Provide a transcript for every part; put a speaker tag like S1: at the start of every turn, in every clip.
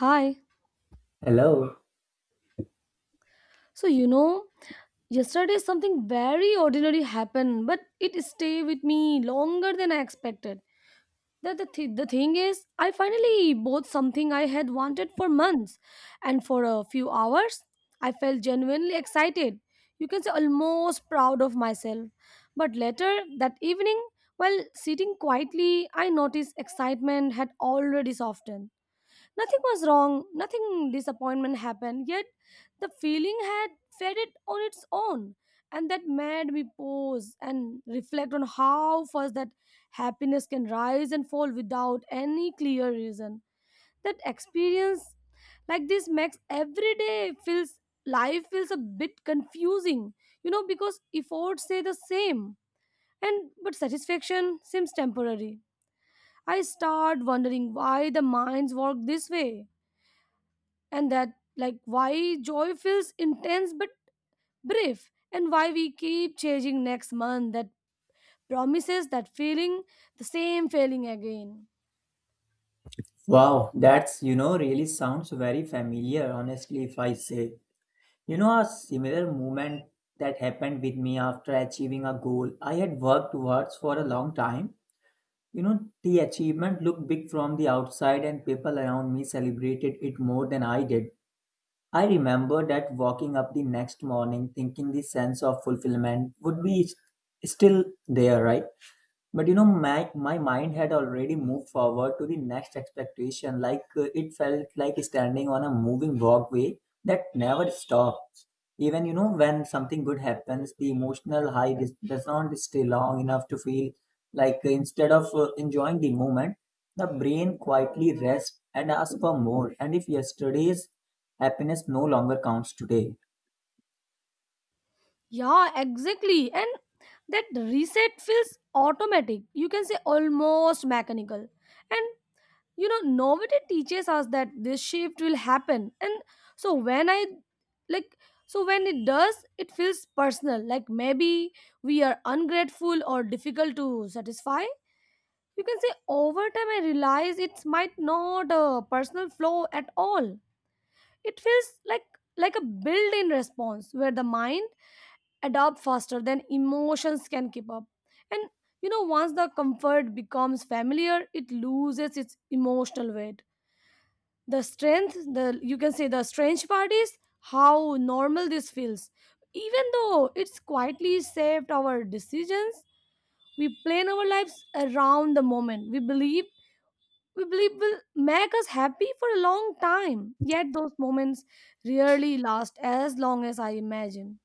S1: Hi.
S2: Hello.
S1: So you know, Yesterday something very ordinary happened, but it stayed with me longer than I expected. The thing is, I finally bought something I had wanted for months, and for a few hours, I felt genuinely excited. You can say almost proud of myself. But later that evening, while sitting quietly, I noticed excitement had already softened. Nothing was wrong, nothing disappointment happened, yet the feeling had faded on its own. And that made me pause and reflect on how fast that happiness can rise and fall without any clear reason. That experience like this makes every day feels life feels a bit confusing, because efforts say the same. And but satisfaction seems temporary. I start wondering why the minds work this way and that like why joy feels intense but brief, and why we keep chasing next month that promises that feeling the same feeling again.
S2: Wow, that's, really sounds very familiar, honestly, if I say. A similar moment that happened with me after achieving a goal I had worked towards for a long time. The achievement looked big from the outside, and people around me celebrated it more than I did. I remember that walking up the next morning thinking the sense of fulfillment would be still there, right? But my mind had already moved forward to the next expectation, like it felt like standing on a moving walkway that never stops. Even when something good happens, the emotional high does not stay long enough to feel like instead of enjoying the moment, the brain quietly rests and asks for more. And if yesterday's happiness no longer counts today.
S1: Yeah, exactly. And that reset feels automatic, you can say almost mechanical. And novelty teaches us that this shift will happen. And so when i like so when it does, it feels personal, like maybe we are ungrateful or difficult to satisfy. You can say over time I realize it's might not a personal flow at all. It feels like a built-in response where the mind adopts faster than emotions can keep up. And once the comfort becomes familiar, it loses its emotional weight. The strength the You can say the strange part is how normal this feels, even though it's quietly shaped our decisions. We plan our lives around the moment we believe will make us happy for a long time. Yet those moments rarely last as long as I imagine.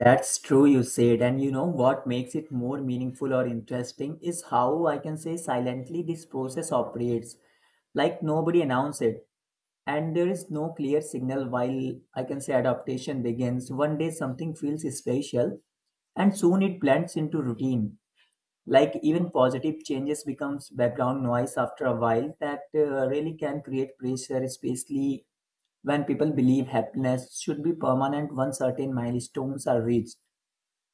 S2: That's true, you said. And what makes it more meaningful or interesting is how I can say silently this process operates. Like nobody announced it. And there is no clear signal while I can say adaptation begins. One day something feels special and soon it blends into routine. Like even positive changes becomes background noise after a while that really can create pressure, especially when people believe happiness should be permanent once certain milestones are reached.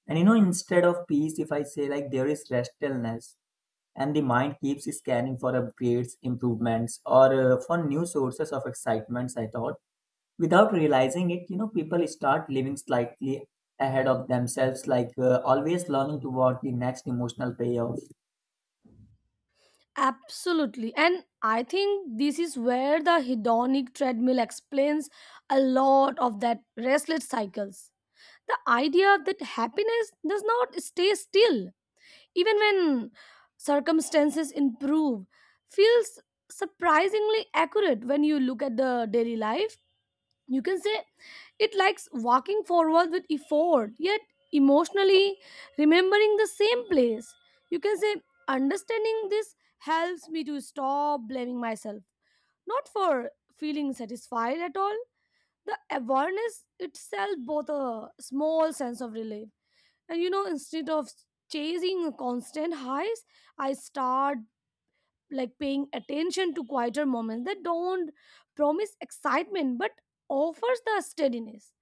S2: And instead of peace, if I say like there is restlessness, and the mind keeps scanning for upgrades, improvements, or for new sources of excitements, I thought. Without realizing it, people start living slightly ahead of themselves, like always learning toward the next emotional payoff.
S1: Absolutely. And I think this is where the hedonic treadmill explains a lot of that restless cycles. The idea that happiness does not stay still, even when circumstances improve, feels surprisingly accurate when you look at the daily life. You can say it likes walking forward with effort, yet emotionally remembering the same place. You can say understanding this helps me to stop blaming myself, not for feeling satisfied at all. The awareness itself both a small sense of relief. And instead of chasing constant highs, I start like paying attention to quieter moments that don't promise excitement but offers the steadiness.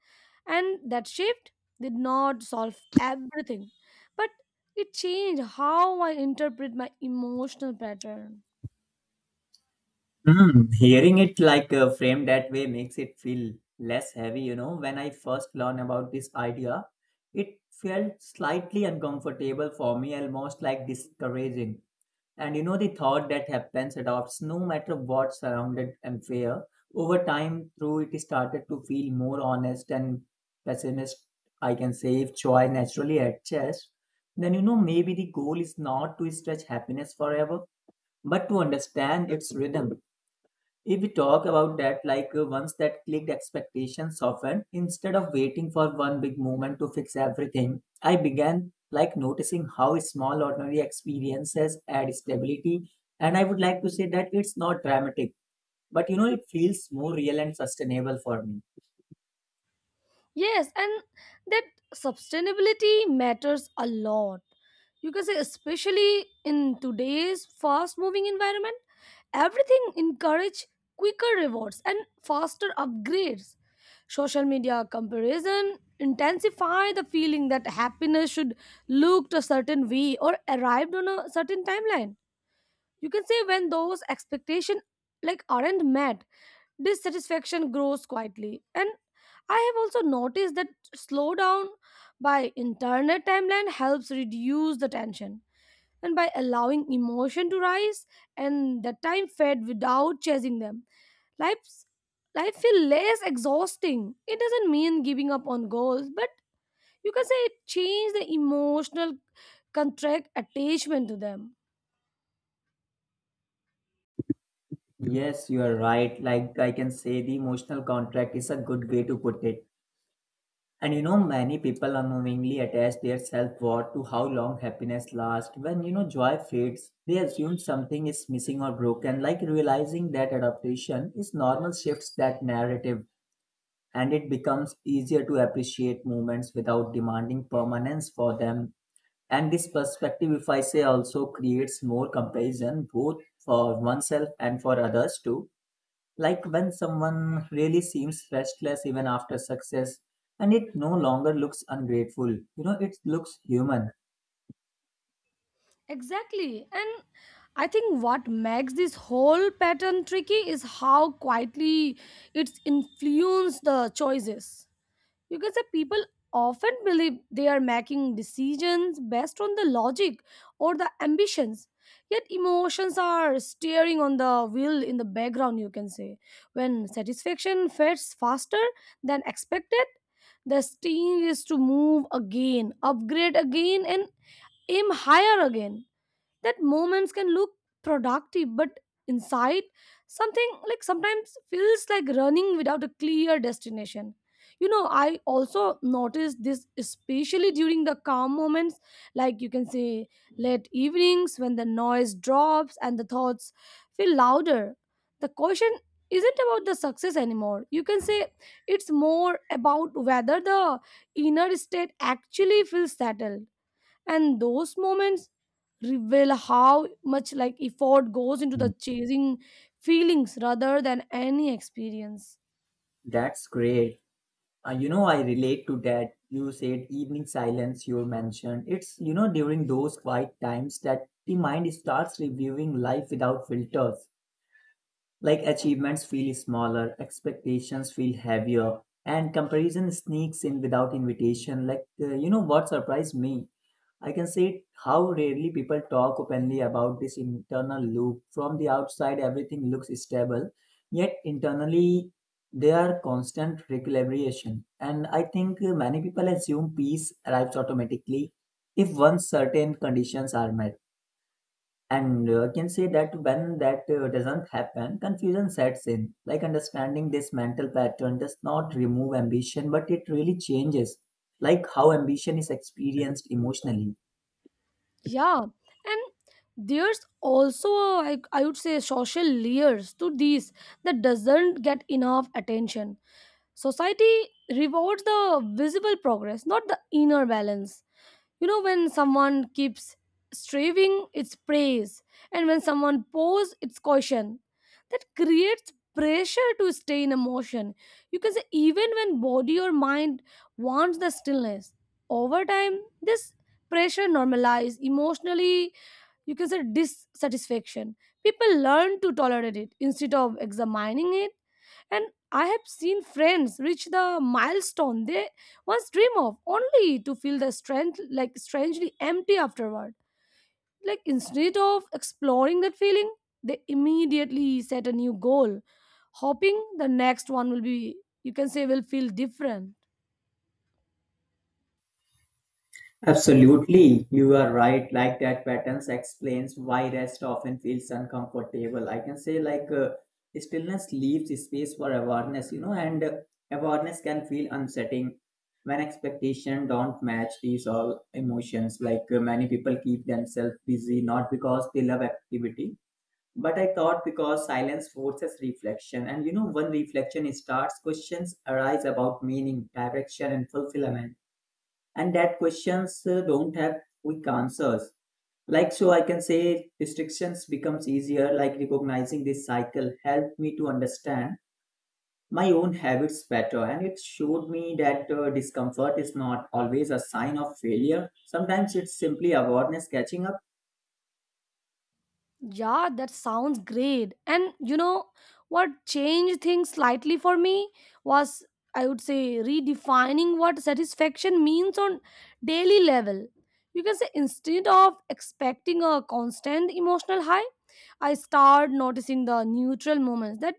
S1: And that shift did not solve everything, but it changed how I interpret my emotional pattern.
S2: Hearing it like framed that way makes it feel less heavy. When I first learned about this idea, it felt slightly uncomfortable for me, almost like discouraging. And the thought that happens adopts no matter what surrounded and fear. Over time, through it started to feel more honest and pessimist. I can say if joy naturally adjusts, then maybe the goal is not to stretch happiness forever, but to understand its rhythm. If we talk about that, like once that clicked, expectations softened. Instead of waiting for one big moment to fix everything, I began like noticing how small ordinary experiences add stability. And I would like to say that it's not dramatic, but it feels more real and sustainable for me.
S1: Yes, and that sustainability matters a lot. You can say, especially in today's fast moving environment, everything encourage quicker rewards and faster upgrades. Social media comparison intensify the feeling that happiness should look a certain way or arrived on a certain timeline. You can say when those expectation like aren't met, dissatisfaction grows quietly. And I have also noticed that slowdown by internet timeline helps reduce the tension. And by allowing emotion to rise and the time fade without chasing them, life's, life feel less exhausting. It doesn't mean giving up on goals, but you can say it change the emotional contract attachment to them.
S2: Yes, you are right. Like I can say, the emotional contract is a good way to put it. And many people unknowingly attach their self worth to how long happiness lasts. When joy fades, they assume something is missing or broken, like realizing that adaptation is normal shifts that narrative, and it becomes easier to appreciate moments without demanding permanence for them. And this perspective, if I say, also creates more comparison both for oneself and for others too, like when someone really seems restless even after success, and it no longer looks ungrateful. It looks human.
S1: Exactly. And I think what makes this whole pattern tricky is how quietly it's influenced the choices. You can say people often believe they are making decisions based on the logic or the ambitions. Yet emotions are steering on the wheel in the background, you can say. When satisfaction fades faster than expected, the steam is to move again, upgrade again, and aim higher again. That moments can look productive, but inside something like sometimes feels like running without a clear destination. I also noticed this especially during the calm moments, like you can say late evenings when the noise drops and the thoughts feel louder. The question isn't about the success anymore. You can say it's more about whether the inner state actually feels settled. And those moments reveal how much like effort goes into the
S2: Mm.
S1: chasing feelings rather than any experience.
S2: That's great. I relate to that. You said evening silence you mentioned it's during those quiet times that the mind starts reviewing life without filters. Like achievements feel smaller, expectations feel heavier, and comparison sneaks in without invitation. Like, you know what surprised me? I can say how rarely people talk openly about this internal loop. From the outside, everything looks stable, yet internally, there are constant recalibration. And I think many people assume peace arrives automatically if once certain conditions are met. And I can say that when that doesn't happen, confusion sets in. Like understanding this mental pattern does not remove ambition, but it really changes like how ambition is experienced emotionally.
S1: Yeah, and there's also a, I would say social layers to these that doesn't get enough attention. Society rewards the visible progress, not the inner balance. You know, when someone keeps striving, it's praise, and when someone pours, it's caution. That creates pressure to stay in emotion. You can say, even when body or mind wants the stillness, over time, this pressure normalizes emotionally. You can say dissatisfaction, people learn to tolerate it instead of examining it. And I have seen friends reach the milestone they once dream of, only to feel the strength like strangely empty afterward. Like instead of exploring that feeling, they immediately set a new goal, hoping the next one will be, you can say, will feel different.
S2: Absolutely, you are right. Like that patterns explains why rest often feels uncomfortable. I can say like stillness leaves space for awareness, and awareness can feel unsettling when expectation don't match these all emotions. Like many people keep themselves busy not because they love activity, but I thought because silence forces reflection, and when reflection starts, questions arise about meaning, direction, and fulfillment. And that questions don't have quick answers. Like so I can say restrictions becomes easier. Like recognizing this cycle helped me to understand my own habits better, and it showed me that discomfort is not always a sign of failure. Sometimes it's simply awareness catching up.
S1: Yeah, that sounds great. And what changed things slightly for me was, I would say, redefining what satisfaction means on daily level. You can say instead of expecting a constant emotional high, I start noticing the neutral moments that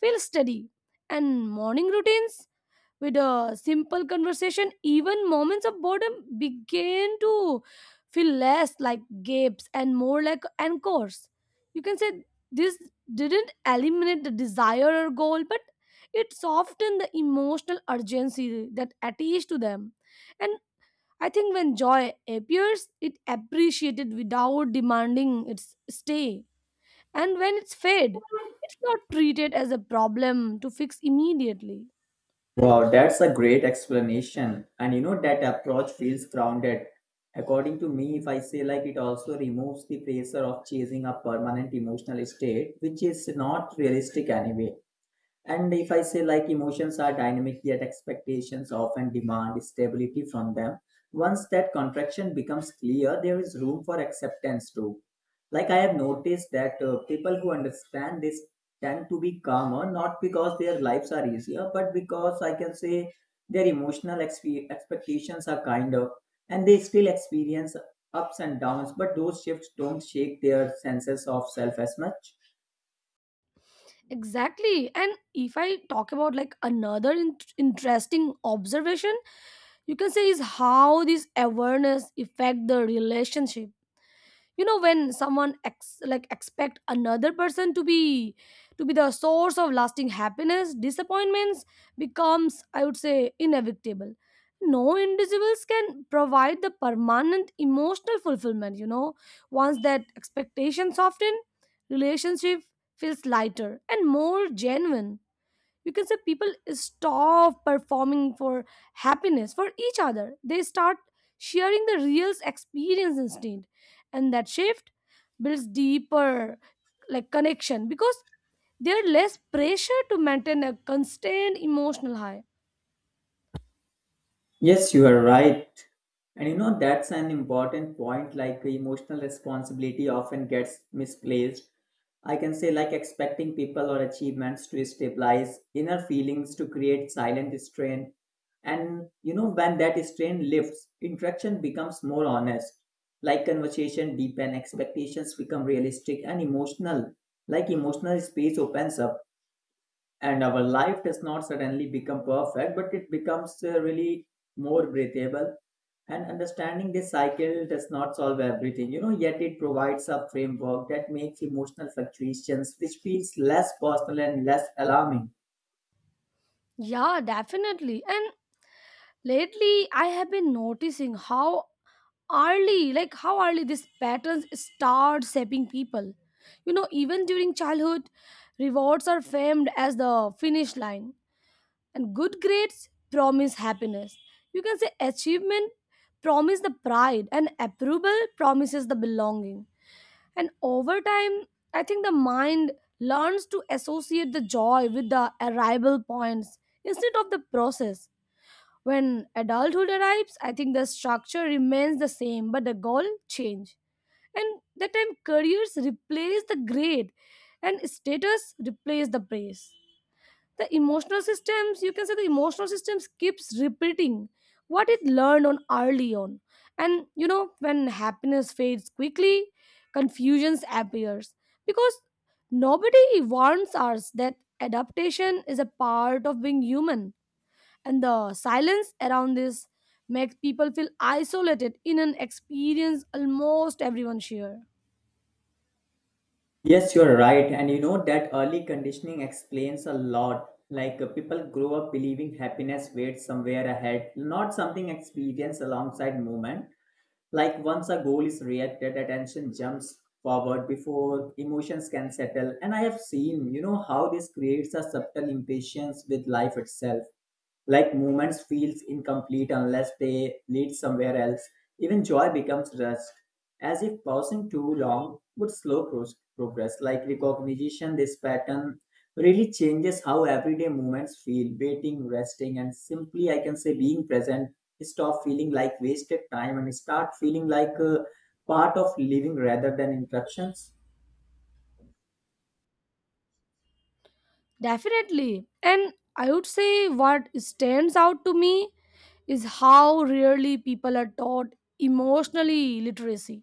S1: feel steady, and morning routines with a simple conversation, even moments of boredom, began to feel less like gapes and more like anchors. You can say this didn't eliminate the desire or goal, but it softened the emotional urgency that attached to them. And I think when joy appears, it appreciated without demanding its stay. And when it's fade, it's not treated as a problem to fix immediately.
S2: Wow, that's a great explanation. And that approach feels grounded. According to me, if I say like it also removes the pressure of chasing a permanent emotional state, which is not realistic anyway. And if I say like emotions are dynamic, yet expectations often demand stability from them. Once that contraction becomes clear, there is room for acceptance too. Like I have noticed that people who understand this tend to be calmer, not because their lives are easier, but because I can say their emotional expectations are kinder, and they still experience ups and downs, but those shifts don't shake their senses of self as much.
S1: Exactly. And if I talk about like another interesting observation, you can say is how this awareness affect the relationship. When someone expect another person to be the source of lasting happiness, disappointments becomes, I would say, inevitable. No individuals can provide the permanent emotional fulfillment. Once that expectation soften, relationship feels lighter and more genuine. You can say people stop performing for happiness for each other, they start sharing the real experience instead. And that shift builds deeper like connection, because there's less pressure to maintain a constant emotional high.
S2: Yes, you are right. And that's an important point. Like, emotional responsibility often gets misplaced. I can say, like, expecting people or achievements to stabilize inner feelings to create silent strain. And when that strain lifts, interaction becomes more honest. Like, conversation deepen, expectations become realistic and emotional. Like, emotional space opens up, and our life does not suddenly become perfect, but it becomes really more breathable. And understanding this cycle does not solve everything. Yet it provides a framework that makes emotional fluctuations which feels less personal and less alarming.
S1: Yeah, definitely. And lately I have been noticing how early, these patterns start shaping people. Even during childhood, rewards are famed as the finish line, and good grades promise happiness. You can say achievement promises the pride and approval promises the belonging. And over time, I think the mind learns to associate the joy with the arrival points instead of the process. When adulthood arrives, I think the structure remains the same, but the goal change. And that time careers replace the grade and status replace the praise. You can say the emotional systems keeps repeating what it learned on early on. And when happiness fades quickly, confusions appears. Because nobody warns us that adaptation is a part of being human, and the silence around this makes people feel isolated in an experience almost everyone share.
S2: Yes, you're right. And that early conditioning explains a lot. Like people grow up believing happiness waits somewhere ahead, not something experienced alongside movement. Like once a goal is reacted, attention jumps forward before emotions can settle. And I have seen, how this creates a subtle impatience with life itself. Like movements feels incomplete unless they lead somewhere else. Even joy becomes rust, as if pausing too long would slow progress. Like recognition, this pattern really changes how everyday movements feel. Waiting, resting, and simply I can say being present stop feeling like wasted time and start feeling like a part of living rather than interruptions.
S1: Definitely. And I would say what stands out to me is how rarely people are taught emotionally literacy.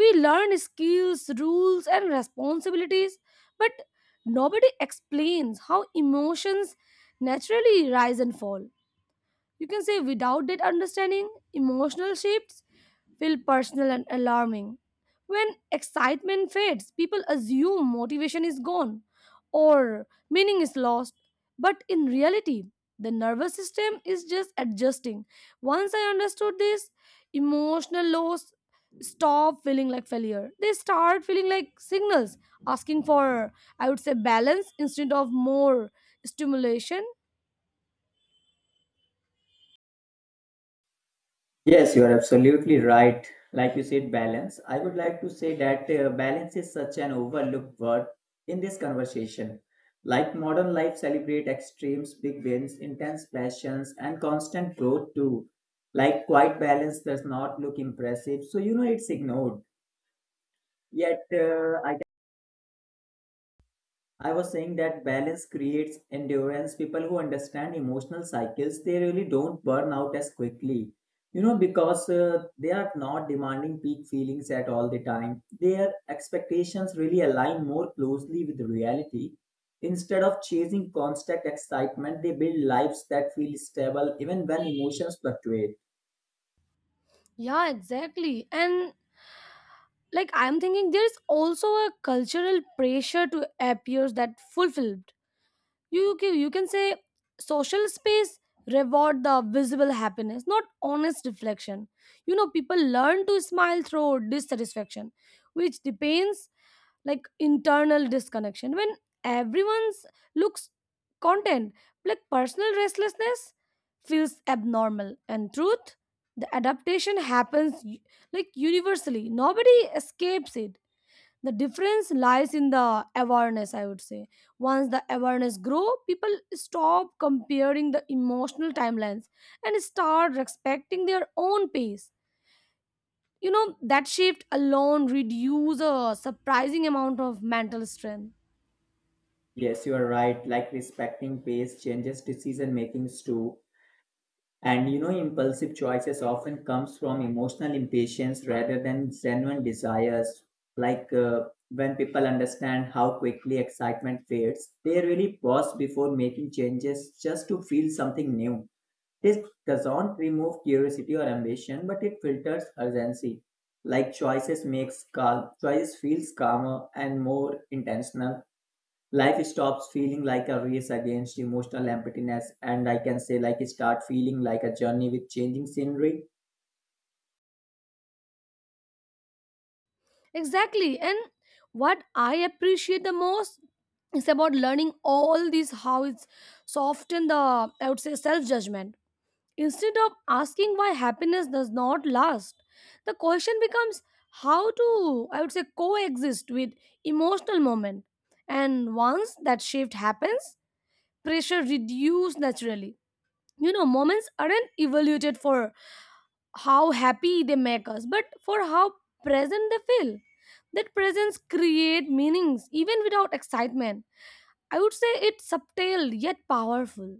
S1: We learn skills, rules and responsibilities, but nobody explains how emotions naturally rise and fall. You can say without that understanding, emotional shifts feel personal and alarming. When excitement fades, people assume motivation is gone or meaning is lost. But in reality, the nervous system is just adjusting. Once I understood this, emotional lows stop feeling like failure. They start feeling like signals asking for, I would say, balance instead of more stimulation.
S2: Yes, you are absolutely right. Like you said, balance. I would like to say that balance is such an overlooked word in this conversation. Like modern life celebrate extremes, big wins, intense passions, and constant growth too. Like quite balance does not look impressive, so it's ignored. Yet I was saying that balance creates endurance. People who understand emotional cycles, they really don't burn out as quickly. Because they are not demanding peak feelings at all the time. Their expectations really align more closely with reality. Instead of chasing constant excitement, they build lives that feel stable even when emotions fluctuate.
S1: Yeah, exactly. And like I'm thinking there's also a cultural pressure to appear that fulfilled. You can say social space reward the visible happiness, not honest reflection. People learn to smile through dissatisfaction, which depends like internal disconnection. When everyone's looks content, like personal restlessness feels abnormal. And truth, the adaptation happens universally, nobody escapes it. The difference lies in the awareness, I would say. Once the awareness grow, people stop comparing the emotional timelines and start respecting their own pace. That shift alone reduce a surprising amount of mental strain.
S2: Yes, you are right. Like respecting pace changes decision makings too. And impulsive choices often comes from emotional impatience rather than genuine desires. Like when people understand how quickly excitement fades, they really pause before making changes just to feel something new. This doesn't remove curiosity or ambition, but it filters urgency. Like choices makes calm, choices feels calmer and more intentional. Life stops feeling like a race against emotional emptiness, and I can say like start feeling like a journey with changing scenery.
S1: Exactly. And what I appreciate the most is about learning all these, how it's soften the, I would say, self judgment. Instead of asking why happiness does not last, the question becomes how to, I would say, coexist with emotional moment. And once that shift happens, pressure reduces naturally. You know, moments aren't evaluated for how happy they make us, but for how present they feel. That presence create meanings even without excitement. I would say it's subtle yet powerful.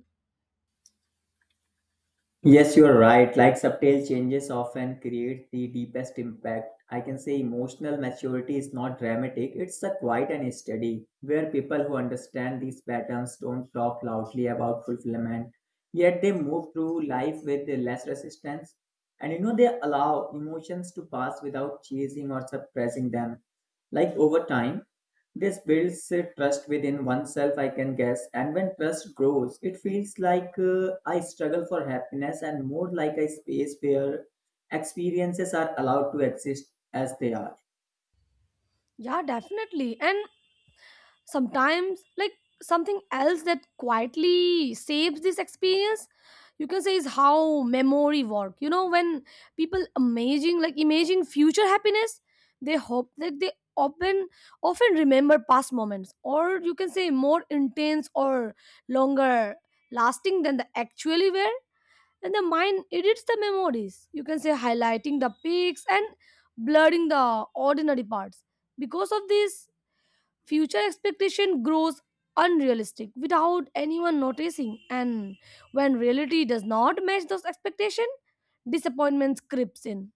S2: Yes, you're right. Like subtle changes often create the deepest impact. I can say emotional maturity is not dramatic. It's a quiet and steady, where people who understand these patterns don't talk loudly about fulfillment. Yet they move through life with less resistance, and they allow emotions to pass without chasing or suppressing them. Like over time, this builds a trust within oneself, I can guess. And when trust grows, it feels like I struggle for happiness and more like a space where experiences are allowed to exist as they are.
S1: Yeah, definitely. And sometimes, like, something else that quietly saves this experience, you can say, is how memory work, you know. When people amazing like imagine future happiness, they hope that they often often remember past moments, or you can say more intense or longer lasting than the actually were. And the mind edits the memories, you can say, highlighting the peaks and blurring the ordinary parts. Because of this, future expectation grows unrealistic without anyone noticing, and when reality does not match those expectations, disappointments creeps in.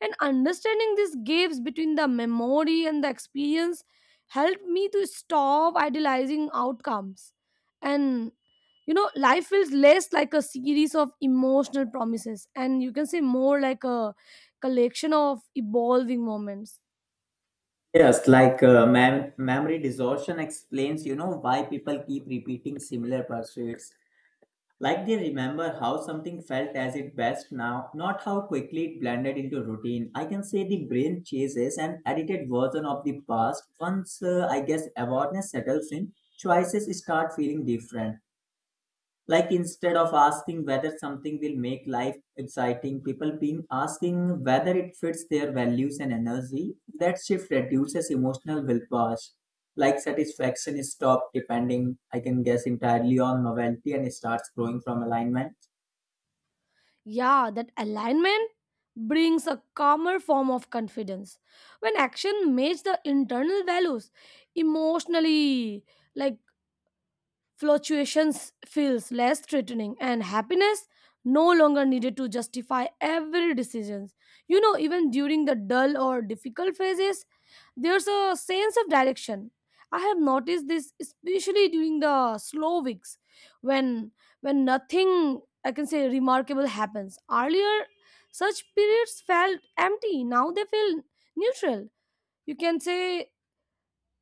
S1: And understanding these gaps between the memory and the experience helped me to stop idealizing outcomes. And you know, life feels less like a series of emotional promises and, you can say, more like a collection of evolving moments.
S2: Yes, like memory distortion explains, why people keep repeating similar pursuits. Like they remember how something felt as it best now, not how quickly it blended into routine. I can say the brain chases an edited version of the past. Once I guess awareness settles in, choices start feeling different. Like instead of asking whether something will make life exciting, people being asking whether it fits their values and energy, that shift reduces emotional willpower. Like satisfaction is stopped depending, I can guess, entirely on novelty and starts growing from alignment.
S1: Yeah, that alignment brings a calmer form of confidence. When action matches the internal values emotionally, like, fluctuations feels less threatening and happiness no longer needed to justify every decision. You know, even during the dull or difficult phases, there's a sense of direction. I have noticed this especially during the slow weeks, when nothing, I can say, remarkable happens. Earlier such periods felt empty, now they feel neutral, you can say,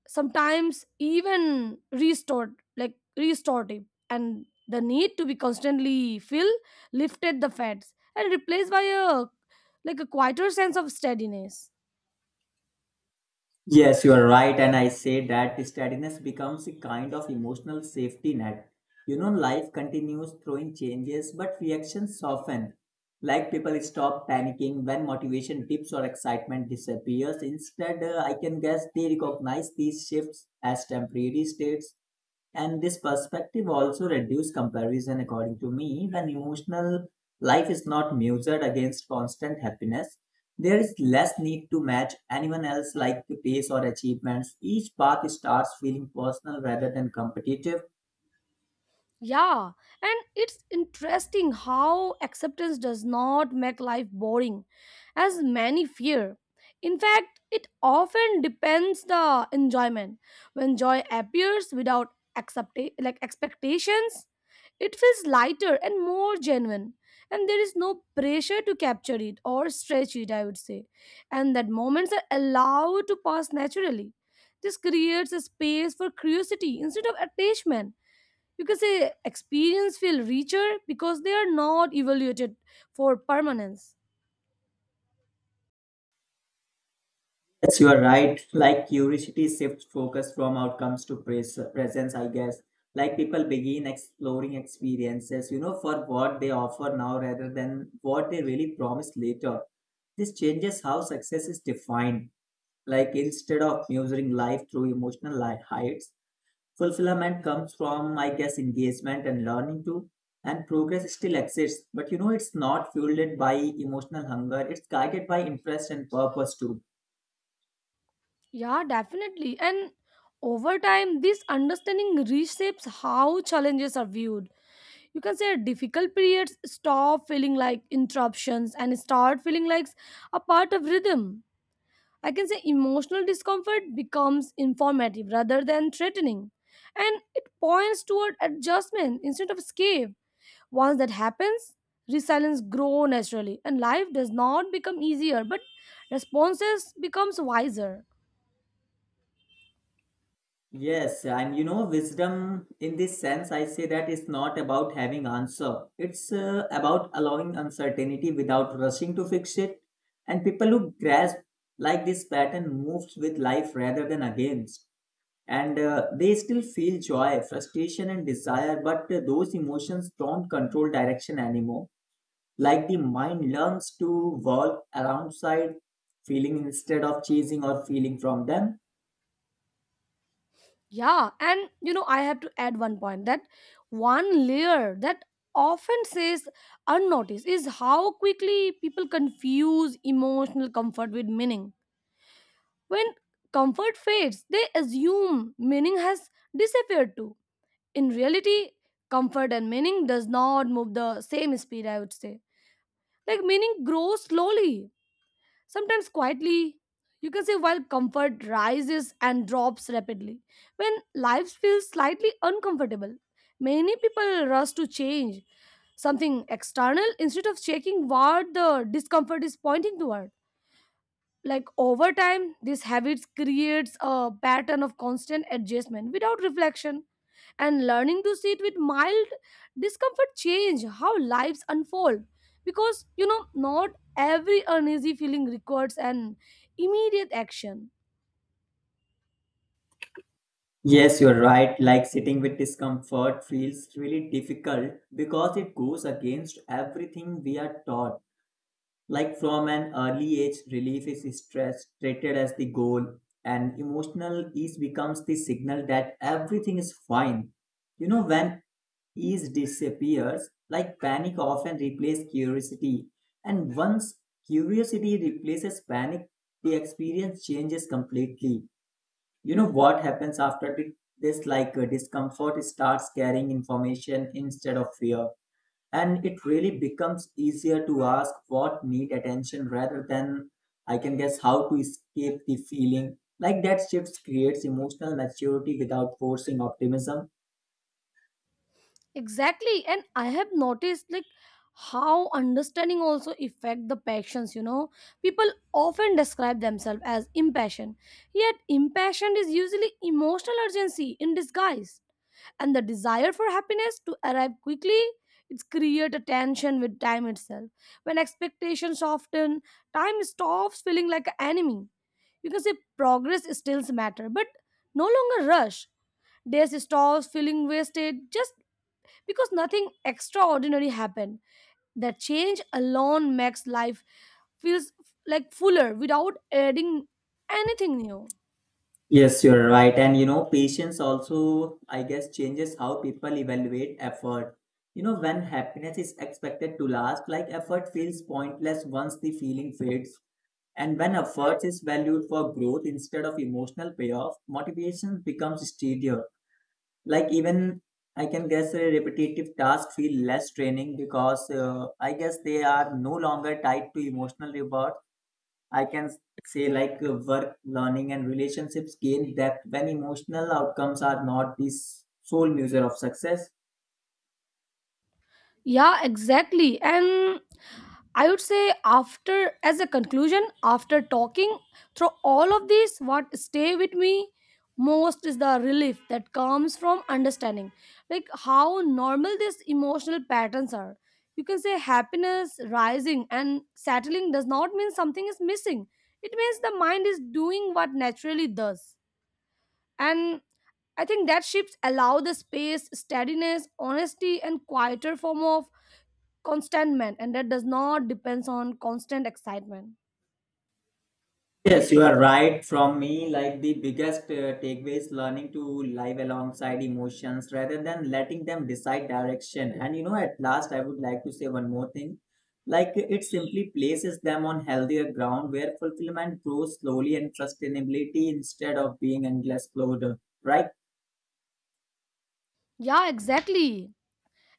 S1: sometimes even restored, like restorative. And the need to be constantly fill lifted the fats and replaced by a, like, a quieter sense of steadiness.
S2: Yes, you are right. And I say that steadiness becomes a kind of emotional safety net. Life continues throwing changes, but reactions soften. Like people stop panicking when motivation dips or excitement disappears. Instead, I can guess they recognize these shifts as temporary states. And this perspective also reduces comparison, according to me, when emotional life is not measured against constant happiness, there is less need to match anyone else like the pace or achievements. Each path starts feeling personal rather than competitive.
S1: Yeah, and it's interesting how acceptance does not make life boring, as many fear. In fact, it often depends the enjoyment. When joy appears without accept like expectations, it feels lighter and more genuine, and there is no pressure to capture it or stretch it, I would say. And that moments are allowed to pass naturally. This creates a space for curiosity instead of attachment, because say experience feel richer because they are not evaluated for permanence.
S2: Yes, you are right. Like curiosity shifts focus from outcomes to presence, I guess. Like people begin exploring experiences, for what they offer now rather than what they really promise later. This changes how success is defined. Like instead of measuring life through emotional heights, fulfillment comes from, I guess, engagement and learning too. And progress still exists, but it's not fueled by emotional hunger, it's guided by interest and purpose too.
S1: Yeah, definitely. And over time this understanding reshapes how challenges are viewed. You can say difficult periods stop feeling like interruptions and start feeling like a part of rhythm. I can say emotional discomfort becomes informative rather than threatening, and it points toward adjustment instead of escape. Once that happens, resilience grows naturally and life does not become easier, but responses becomes wiser.
S2: Yes, and wisdom in this sense, I say that it's not about having answer. It's about allowing uncertainty without rushing to fix it. And people who grasp like this pattern moves with life rather than against. And they still feel joy, frustration, and desire, but those emotions don't control direction anymore. Like the mind learns to walk around side, feeling instead of chasing or feeling from them.
S1: Yeah, and you know, I have to add one point, that one layer that often says unnoticed is how quickly people confuse emotional comfort with meaning. When comfort fades, they assume meaning has disappeared too. In reality, comfort and meaning does not move the same speed, I would say. Like meaning grows slowly, sometimes quietly, you can say, while comfort rises and drops rapidly. When life feels slightly uncomfortable, many people rush to change something external instead of checking what the discomfort is pointing toward. Like over time, these habits creates a pattern of constant adjustment without reflection, and learning to sit with mild discomfort change how lives unfold. Because, you know, not every uneasy feeling requires an immediate action.
S2: Yes, you're right. Like sitting with discomfort feels really difficult because it goes against everything we are taught. Like from an early age, relief is stress treated as the goal, and emotional ease becomes the signal that everything is fine. When ease disappears, like panic often replaces curiosity, and once curiosity replaces panic, the experience changes completely. What happens after this, like discomfort starts carrying information instead of fear, and it really becomes easier to ask what need attention rather than, I can guess, how to escape the feeling. Like that shift creates emotional maturity without forcing optimism.
S1: Exactly. And I have noticed, like, how understanding also affect the passions, you know. People often describe themselves as impassioned. Yet impassioned is usually emotional urgency in disguise. And the desire for happiness to arrive quickly, it's create a tension with time itself. When expectations soften, time stops feeling like an enemy, you can say. Progress still matter, but no longer rush. Days stops feeling wasted just because nothing extraordinary happened. That change alone makes life feels like fuller without adding anything new.
S2: Yes, you're right. And patience also, I guess, changes how people evaluate effort. When happiness is expected to last, like effort feels pointless once the feeling fades. And when effort is valued for growth instead of emotional payoff, motivation becomes steadier. Like even I can guess a repetitive task feel less draining because I guess they are no longer tied to emotional reward. I can say like work, learning, and relationships gain depth when emotional outcomes are not the sole measure of success.
S1: Yeah, exactly. And I would say, after as a conclusion, after talking through all of these, what stay with me most is the relief that comes from understanding like how normal these emotional patterns are. You can say happiness rising and settling does not mean something is missing. It means the mind is doing what naturally does. And I think that shifts allow the space, steadiness, honesty, and quieter form of contentment, and that does not depends on constant excitement.
S2: Yes, you are right. From me, like the biggest takeaway is learning to live alongside emotions rather than letting them decide direction. And at last, I would like to say one more thing. Like it simply places them on healthier ground where fulfillment grows slowly and sustainability instead of being endless load, right?
S1: Yeah, exactly.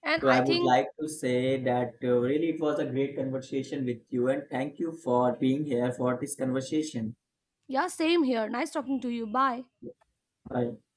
S1: And
S2: So I
S1: I
S2: would
S1: think
S2: like to say that really it was a great conversation with you, and thank you for being here for this conversation.
S1: yeah, same here. Nice talking to you. Bye.
S2: Bye.